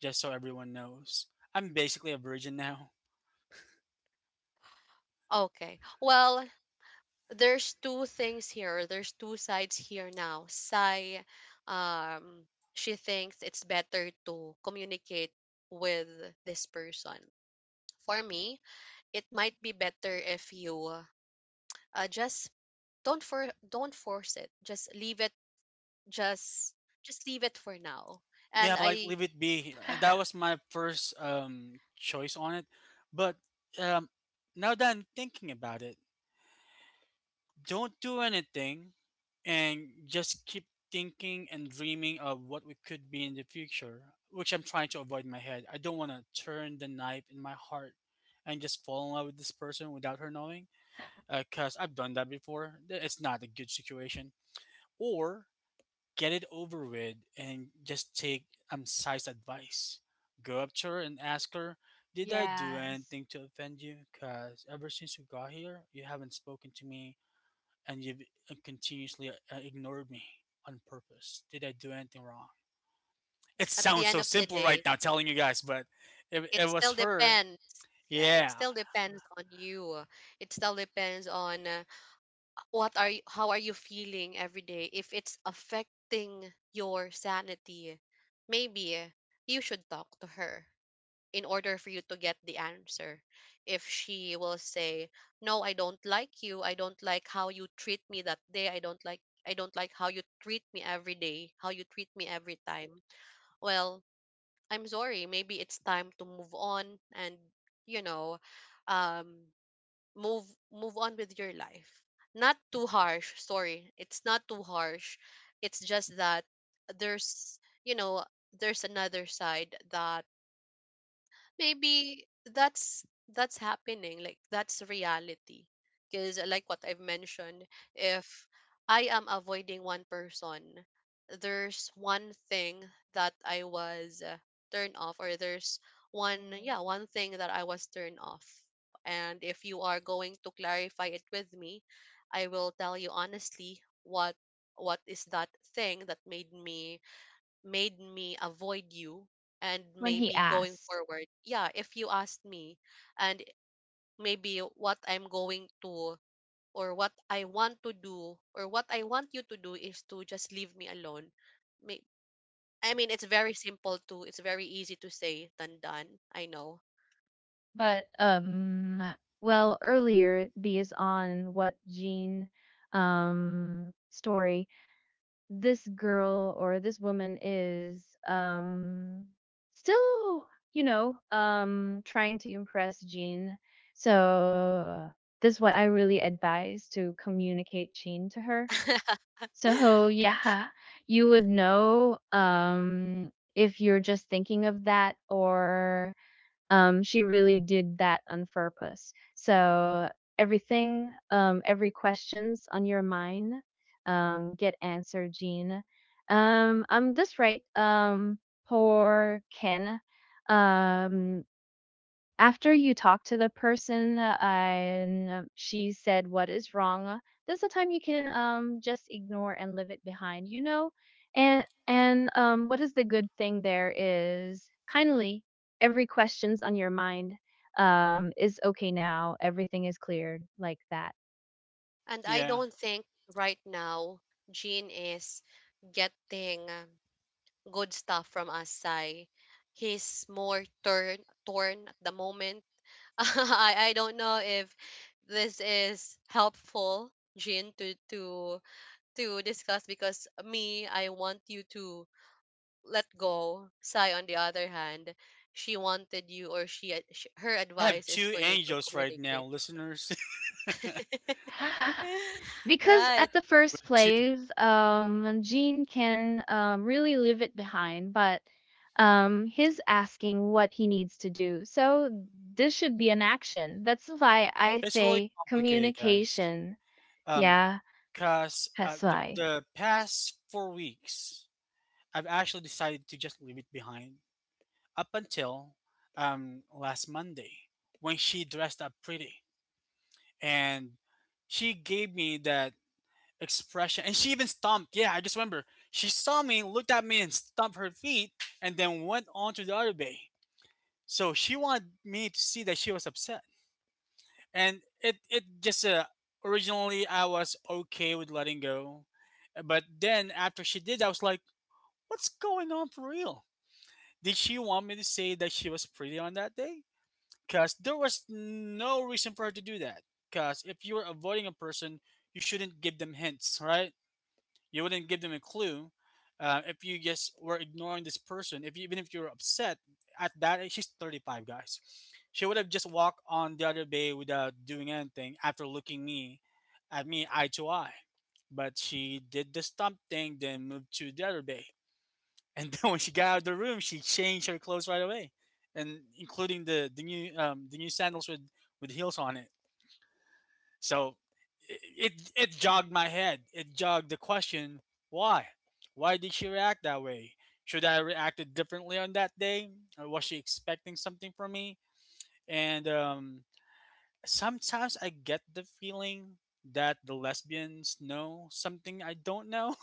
S2: Just so everyone knows, I'm basically a virgin now.
S1: Okay, well, there's two things here. There's two sides here now. Sai, um, she thinks it's better to communicate with this person. For me, it might be better if you, just don't, for don't force it. Just leave it. Just just leave it for now.
S2: Yeah,
S1: And
S2: like
S1: I,
S2: leave it be. That
S3: *laughs*
S2: was
S3: *sighs*
S2: my first choice on it, but um now that I'm thinking about it, don't do anything and just keep thinking and dreaming of what we could be in the future, which I'm trying to avoid in my head. I don't want to turn the knife in my heart and just fall in love with this person without her knowing, because I've done that before. It's not a good situation. Or get it over with and just take Sai's advice. Go up to her and ask her, "Did I do
S3: Yes.
S2: anything to offend you? Because ever since you got here, you haven't spoken to me and you've continuously ignored me on purpose. Did I do anything wrong?" It
S1: at the
S2: sounds
S1: end
S2: so
S1: of the
S2: simple right
S1: day,
S2: now telling you guys, but it
S1: it
S2: was
S1: still
S2: her.
S1: depends. Yeah, it
S2: Yeah,
S1: still depends on you. It still depends on how are you feeling every day if it's affecting your sanity. Maybe you should talk to her in order for you to get the answer. If she will say, "No, I don't like you, I don't like how you treat me that day, I don't like how you treat me every day, how you treat me every time." Well, I'm sorry, maybe it's time to move on and you know um move move on with your life. Not too harsh, sorry, it's not too harsh. It's just that there's, you know there's another side that maybe that's happening, like that's reality. Because like what I've mentioned, if I am avoiding one person, there's one thing that I was turned off, or there's
S3: Mm.
S1: one thing that I was turned off. And if you are going to clarify it with me, I will tell you honestly what is that thing that made me, made me avoid you. And
S3: When he
S1: maybe going
S3: asks.
S1: forward, yeah, if you asked me, and maybe what I'm going to, or what I want to do or what I want you to do is to just leave me alone. May- I mean, it's very simple to, it's very easy to say than done, I know.
S3: But, well, earlier, based on what Jean story, this girl or this woman is still, you know, trying to impress Jean. So this is what I really advise, to communicate Jean to her.
S1: *laughs*
S3: So yeah, you would know if you're just thinking of that or, she really did that on purpose. So everything, every questions on your mind, get answered, Jean. That's right. Poor Ken. Um, After you talk to the person, and she said what is wrong, that's the time you can just ignore and leave it behind, you know? And what is the good thing there is, kindly, every questions on your mind is okay now, everything is cleared like that.
S1: And I
S2: yeah.
S1: don't think right now Jean is getting good stuff from us, Sai. He's more turn torn at the moment. *laughs* I don't know if this is helpful, Jin, to discuss, because me, I want you to let go. Sai, on the other hand, she wanted you or she, ad- sh her
S2: I have
S1: advice is
S2: two
S1: for you to
S2: angels right
S1: communicate.
S2: now, listeners.
S3: *laughs*
S1: *laughs*
S3: Because
S1: Right.
S3: at the first
S2: *laughs* Two,
S3: place, Gene can, really leave it behind, but, he's asking what he needs to do. So this should be an action. That's why I
S2: it's really
S3: say
S2: complicated, guys.
S3: communication.
S2: Um,
S3: Yeah,
S2: Cause
S3: that's
S2: the
S3: why.
S2: the past 4 weeks, I've actually decided to just leave it behind up until last Monday, when she dressed up pretty and she gave me that expression. And she even stomped. Yeah, I just remember. She saw me, looked at me, and stomped her feet, and then went on to the other bay. So she wanted me to see that she was upset. And it just, originally I was okay with letting go. But then after she did, I was like, what's going on for real? Did she want me to say that she was pretty on that day? Because there was no reason for her to do that. Because if you're avoiding a person, you shouldn't give them hints, right? You wouldn't give them a clue if you just were ignoring this person. If you, Even if you were upset at age, she's 35, guys. She would have just walked on the other bay without doing anything after looking me at me eye to eye. But she did the stump thing, then moved to the other bay. And *laughs* then when she got out of the room, she changed her clothes right away, and including the new sandals with heels on it. So it jogged my head. It jogged the question, why? Why did she react that way? Should I have reacted differently on that day? Or was she expecting something from me? And sometimes I get the feeling that the lesbians know something I don't know.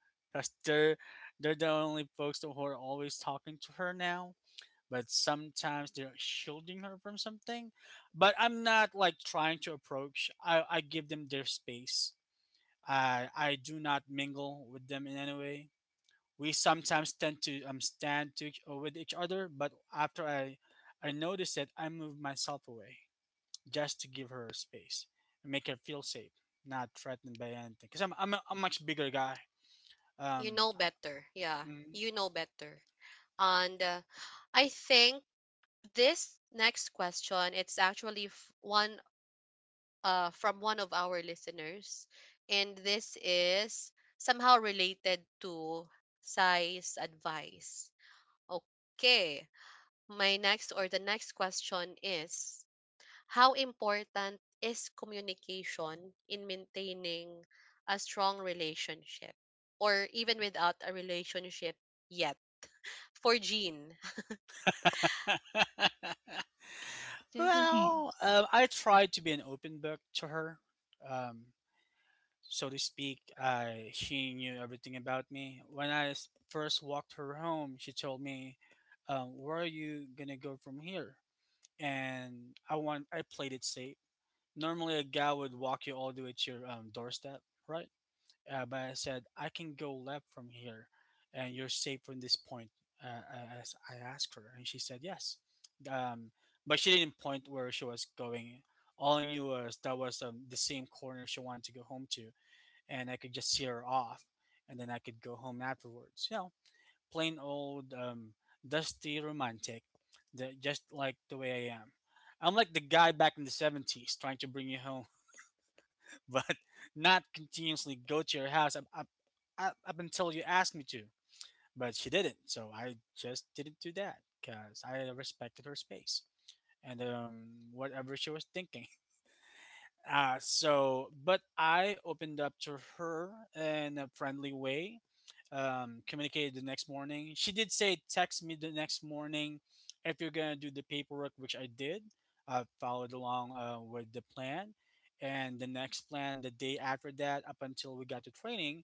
S2: *laughs* Cause they're the only folks who are always talking to her now. But sometimes they're shielding her from something. But I'm not like trying to approach. I give them their space. I do not mingle with them in any way. We sometimes tend to stand to with each other, but after I notice it, I move myself away just to give her space and make her feel safe, not threatened by anything. Because I'm a much bigger guy.
S1: You
S2: Um,
S1: know better. Yeah.
S2: mm,
S1: You know better. And I think this next question, it's actually f- one from one of our listeners, and this is somehow related to size advice. Okay, my next or the next question is, how important is communication in maintaining a strong relationship, or even without a relationship yet? For Jean,
S3: Definitely.
S2: well, I try to be an open book to her. Um, so to speak, she knew everything about me. When first walked her home, she told me, "Where are you gonna go from here?" And I played it safe. Normally, a guy would walk you all the way to your doorstep, right? But I said I can go left from here, and you're safe from this point. As I asked her, and she said yes. Um, but she didn't point where she was going. All I knew was that was the same corner she wanted to go home to, and I could just see her off, and then I could go home afterwards. You know, plain old dusty romantic, just like the way I am. I'm like the guy back in the '70s trying to bring you home, *laughs* but not continuously go to your house up, up, up, up until you ask me to. But she didn't, so I just didn't do that because I respected her space and whatever she was thinking. *laughs* So, but I opened up to her in a friendly way, communicated the next morning. She did say, text me the next morning if you're going to do the paperwork, which I did. I followed along with the plan. And the next plan, the day after that, up until we got to training.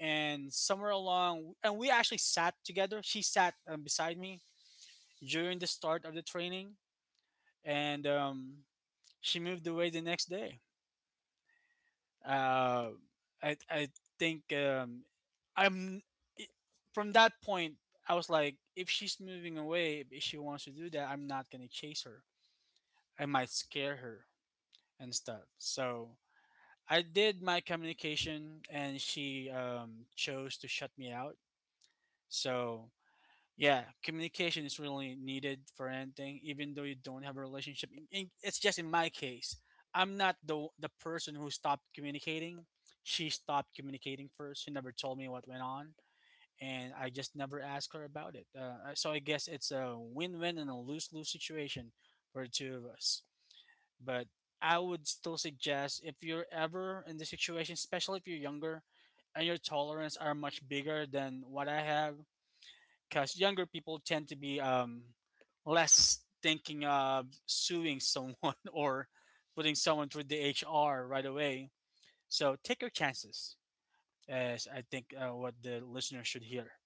S2: And somewhere along, and we actually sat together. She sat beside me during the start of the training. And she moved away the next day. Uh, I think I'm it- From that point, I was like, if she's moving away, if she wants to do that, I'm not gonna chase her. I might scare her and stuff. So I did my communication, and she chose to shut me out. So yeah, communication is really needed for anything, even though you don't have a relationship. It's just in my case, I'm not the person who stopped communicating. She stopped communicating first. She never told me what went on, and I just never asked her about it. So I guess it's a win-win and a lose-lose situation for the two of us. But I would still suggest if you're ever in this situation, especially if you're younger, and your tolerance are much bigger than what I have, because younger people tend to be less thinking of suing someone *laughs* or putting someone through the HR right away. So take your chances, as I think what the listener should hear.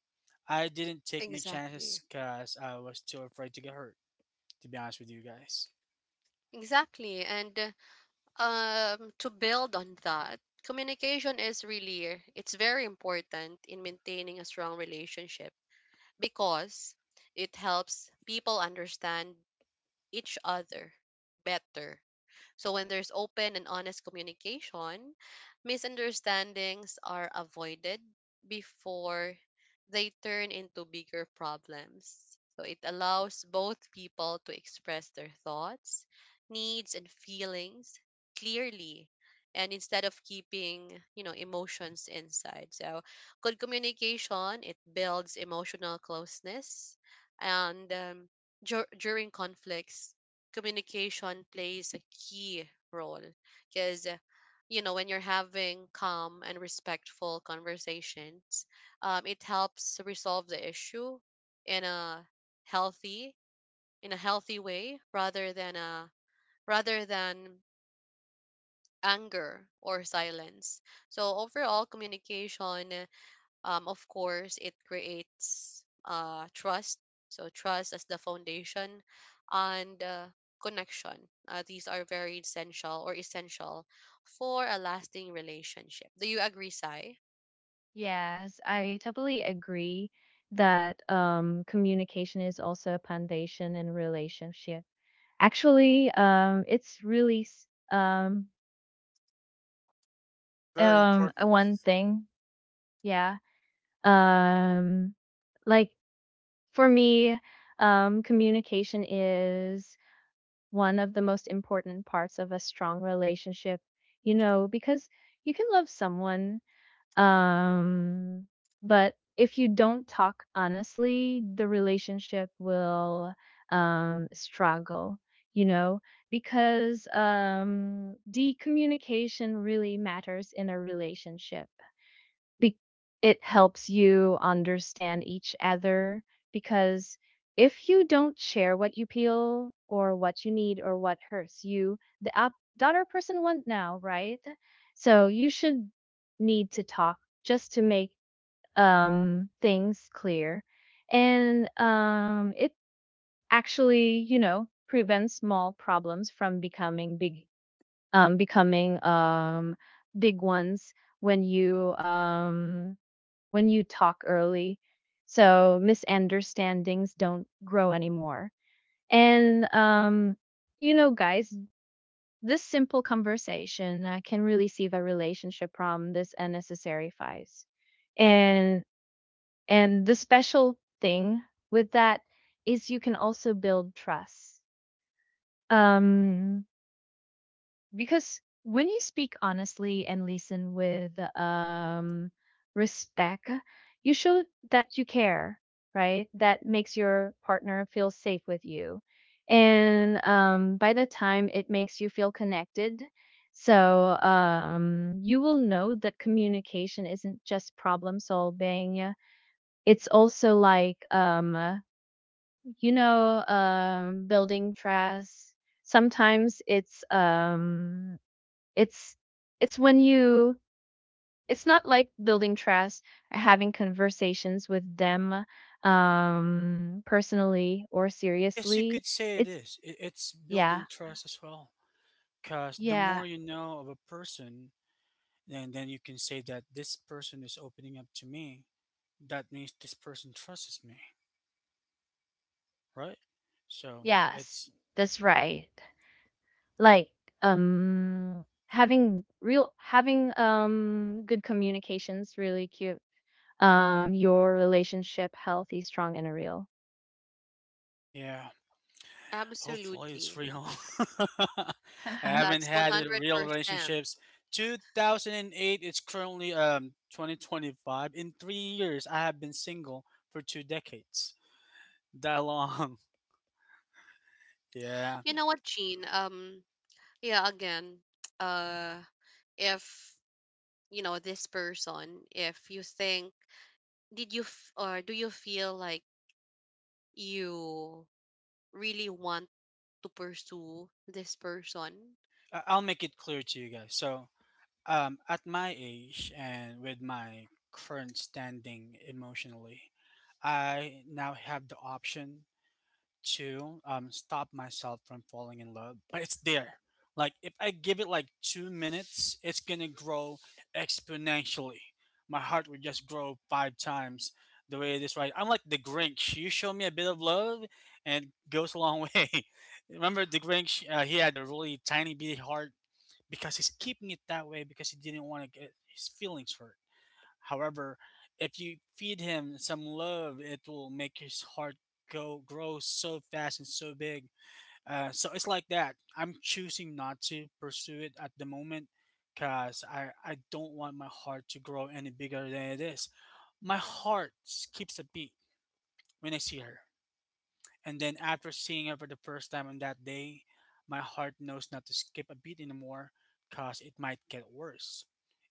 S2: I didn't
S1: *laughs*
S2: take my chances
S1: exactly.
S2: because I was too afraid to get hurt, to be honest with you guys.
S1: Exactly. And um, to build on that, communication is really, it's very important in maintaining a strong relationship, because it helps people understand each other better. So when there's open and honest communication, misunderstandings are avoided before they turn into bigger problems. So it allows both people to express their thoughts, needs and feelings clearly, and instead of keeping, you know, emotions inside. So good communication, it builds emotional closeness, and during conflicts communication plays a key role, because you know, when you're having calm and respectful conversations, it helps resolve the issue in a healthy, in a healthy way, rather than anger or silence. So overall, communication, of course, it creates trust. So trust as the foundation, and connection. These are very essential, or essential for a lasting relationship. Do you agree, Sai?
S3: Yes, I totally agree that communication is also a foundation in relationship. Actually, it's really
S2: Very important.
S3: one thing. Yeah, um like for me, communication is one of the most important parts of a strong relationship, you know, because you can love someone, um but if you don't talk honestly, the relationship will struggle, you know, because the communication really matters in a relationship. be- it helps you understand each other, because if you don't share what you feel or what you need or what hurts you, the other person won't know, right? So you should need to talk just to make things clear. And it actually, you know, prevents small problems from becoming big, becoming big ones. When you, when you talk early, so misunderstandings don't grow anymore. And you know, guys, this simple conversation can really save a relationship from this unnecessary fights. and and the special thing with that is you can also build trust, um because when you speak honestly and listen with respect, you show that you care, right? That makes your partner feel safe with you, and by the time it makes you feel connected. So you will know that communication isn't just problem solving, it's also like, you know, building trust. Sometimes it's it's when you, it's not like building trust or having conversations with them personally or
S2: I guess you
S3: seriously.
S2: could say it
S3: It's
S2: is. It's
S3: yeah,
S2: building trust as well. Because the more
S3: yeah,
S2: you know of a person, then you can say that this person is opening up to me, that means this person trusts me, right? So
S3: yes.
S2: it's
S3: That's right. Like having real having good communications really cute. Your relationship healthy, strong and real.
S2: yeah. Hopefully it's
S1: Absolutely.
S2: real. *laughs* I
S3: *laughs*
S2: haven't
S1: That's
S2: had a real
S1: 100%.
S2: relationships. 2008. It's currently 2025. In 3 years, I have been single for 2 decades. That long. *laughs* Yeah.
S1: You know what, Jean? Yeah, again, uh, if you know this person, if you think, did you f- or do you feel like you really want to pursue this person?
S2: I'll make it clear to you guys. So at my age and with my current standing emotionally, I now have the option to stop myself from falling in love, but it's there. Like if I give it like 2 minutes, it's gonna grow exponentially. My heart would just grow 5 times the way it is right. I'm like the Grinch. You show me a bit of love, and it goes a long *laughs* way. Remember the Grinch? He had a really tiny bitty heart because he's keeping it that way because he didn't want to get his feelings hurt. However, if you feed him some love, it will make his heart go grow so fast and so big. So it's like that. I'm choosing not to pursue it at the moment because I don't want my heart to grow any bigger than it is. My heart skips a beat when I see her. And then after seeing her for the first time on that day, my heart knows not to skip a beat anymore because it might get worse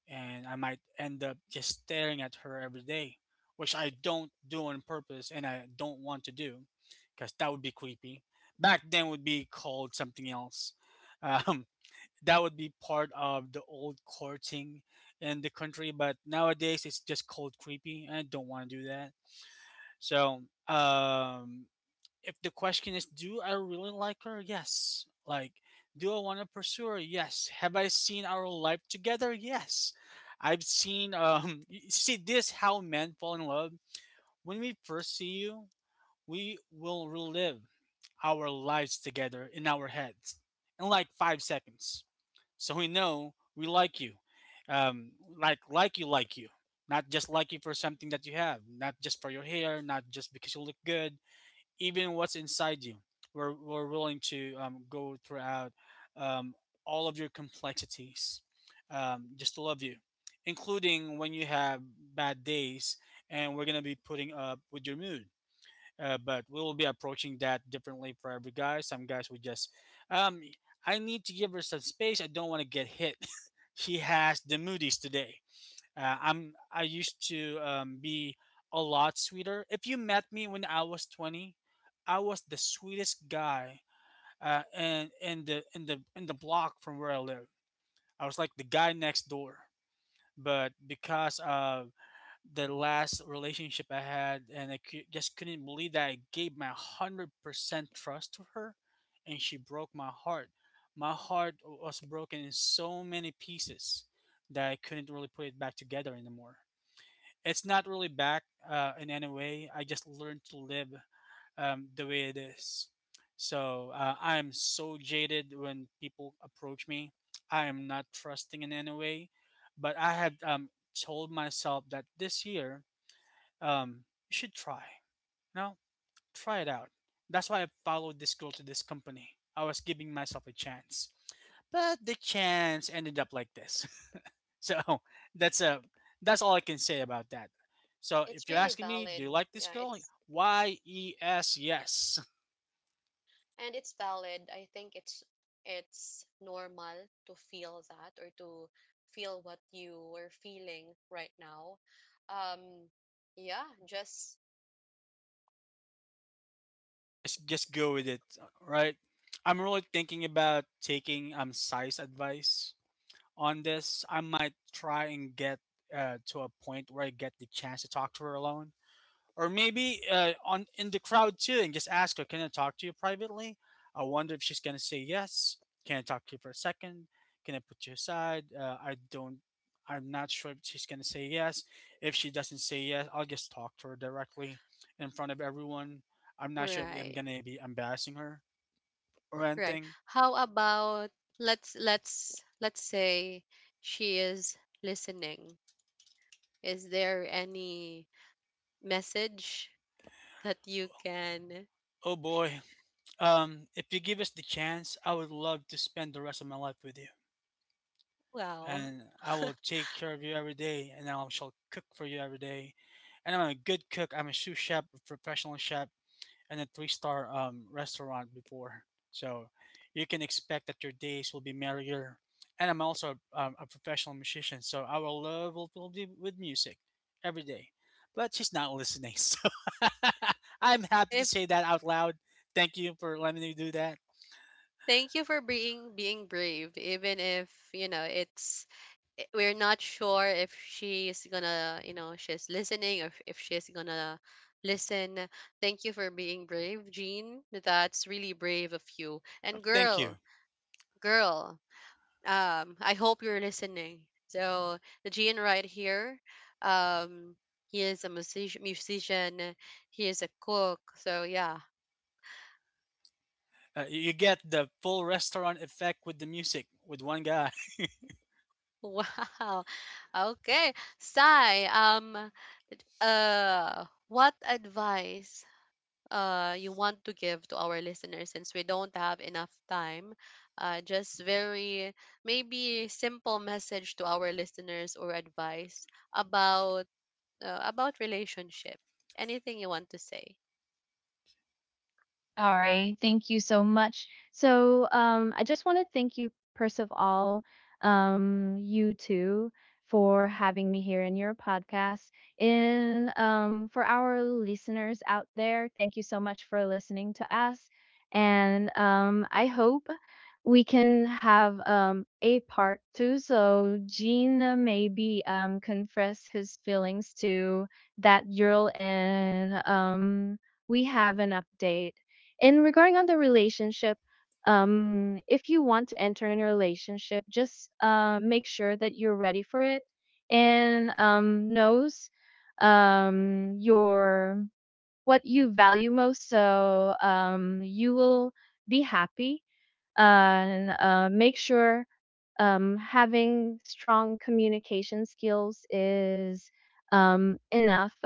S2: and I might end up just staring at her every day, which I don't do on purpose and I don't want to do because that would be creepy. Back then would be called something else. *laughs* Um, that would be part of the old courting in the country, but nowadays it's just called creepy and I don't want to do that. So, if the question is, do I really like her? Yes. Like, do I want to pursue her? Yes. Have I seen our life together? Yes, I've seen *laughs* you see this, how men fall in love. When we first see you, we will relive our lives together in our heads in like 5 seconds. So we know we like you, like you, like you, not just like you for something that you have, not just for your hair, not just because you look good, even what's inside you. We're willing to go throughout um, all of your complexities just to love you, including when you have bad days, and we're going to be putting up with your mood. But we'll be approaching that differently for every guy. Some guys would just, um, I need to give her some space. I don't want to get hit. *laughs* She has the moodies today. I used to be a lot sweeter. If you met me when I was 20, I was the sweetest guy in the block from where I live. I was like the guy next door. But because of the last relationship I had, and I just couldn't believe that I gave my 100% trust to her, and she broke my heart. My heart was broken in so many pieces that I couldn't really put it back together anymore. It's not really back in any way. I just learned to live the way it is. So I am so jaded when people approach me. I am not trusting in any way, but I had told myself that this year you should try. You know, try it out. That's why I followed this girl to this company. I was giving myself a chance, but the chance ended up like this. *laughs* So *laughs* that's a that's all I can say about that. So if
S1: It's
S2: you're
S1: really
S2: asking me, do you
S1: valid.
S2: like this
S1: Yeah,
S2: girl?
S1: it's,
S2: Y E S, yes. *laughs*
S1: and it's valid. I think it's normal to feel that, or to feel what you are feeling right now. Um, yeah, just
S2: Yes, just go with it, right? I'm really thinking about taking size advice on this. I might try and get to a point where I get the chance to talk to her alone. Or maybe on in the crowd too, and just ask her, "Can I talk to you privately?" I wonder if she's gonna say yes. Can I talk to you for a second? Can I put you aside? I don't. I'm not sure if she's gonna say yes. If she doesn't say yes, I'll just talk to her directly in front of everyone. I'm not sure if I'm
S1: right.
S2: gonna be embarrassing her or
S1: Right.
S2: anything.
S1: How about, let's say she is listening. Is there any message that you can,
S2: Oh boy. If you give us the chance, I would love to spend the rest of my life with you.
S1: well,
S2: And I will take care of you every day, and I shall cook for you every day. And I'm a good cook. I'm a sous chef, a professional chef, and a three-star restaurant before. So you can expect that your days will be merrier. And I'm also a professional musician, so our love will be with music every day. But she's not listening, *laughs* so *laughs* I'm happy to
S1: if,
S2: say that out loud. Thank you for letting me do that.
S1: thank you for being brave, even if you know it's, we're not sure if she's gonna, you know, she's listening, or if she's gonna listen. Thank you for being brave, Jean. That's really brave of you. And
S2: Thank you.
S1: girl, I hope you're listening. So Jean right here, um, he is a musician. He is a cook. So yeah,
S2: You get the full restaurant effect with the music with one guy. *laughs*
S1: *laughs* wow. Okay. Sai, what advice you want to give to our listeners, since we don't have enough time? Uh, just very maybe simple message to our listeners, or advice about about relationship. Anything you want to say?
S3: All right. Thank you so much. So, I just want to thank you, first of all, you two, for having me here in your podcast. And for our listeners out there, thank you so much for listening to us. And I hope we can have, a part two. So, Gene maybe, confess his feelings to that girl, and we have an update. And regarding on the relationship, if you want to enter in a relationship, just make sure that you're ready for it, and knows your what you value most, so you will be happy. And make sure having strong communication skills is enough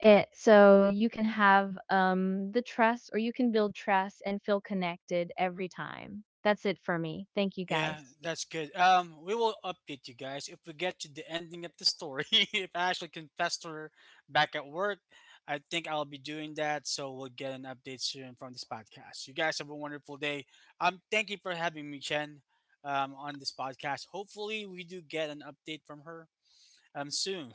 S3: it, so you can have, the trust, or you can build trust and feel connected every time. That's it for me. Thank you, guys.
S2: Yeah, that's good. We will update you guys if we get to the ending of the story. *laughs* If I actually confessed to her back at work, I think I'll be doing that. So we'll get an update soon from this podcast. You guys have a wonderful day. Thank you for having me, Chen, on this podcast. Hopefully, we do get an update from her soon.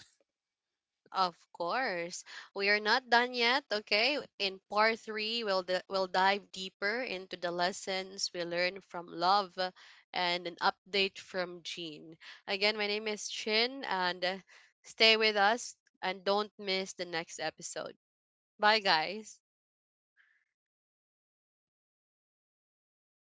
S1: Of course. We are not done yet, okay? In part three, we'll dive deeper into the lessons we learned from love, and an update from Jean. Again, my name is Chin, and stay with us and don't miss the next episode. Bye guys.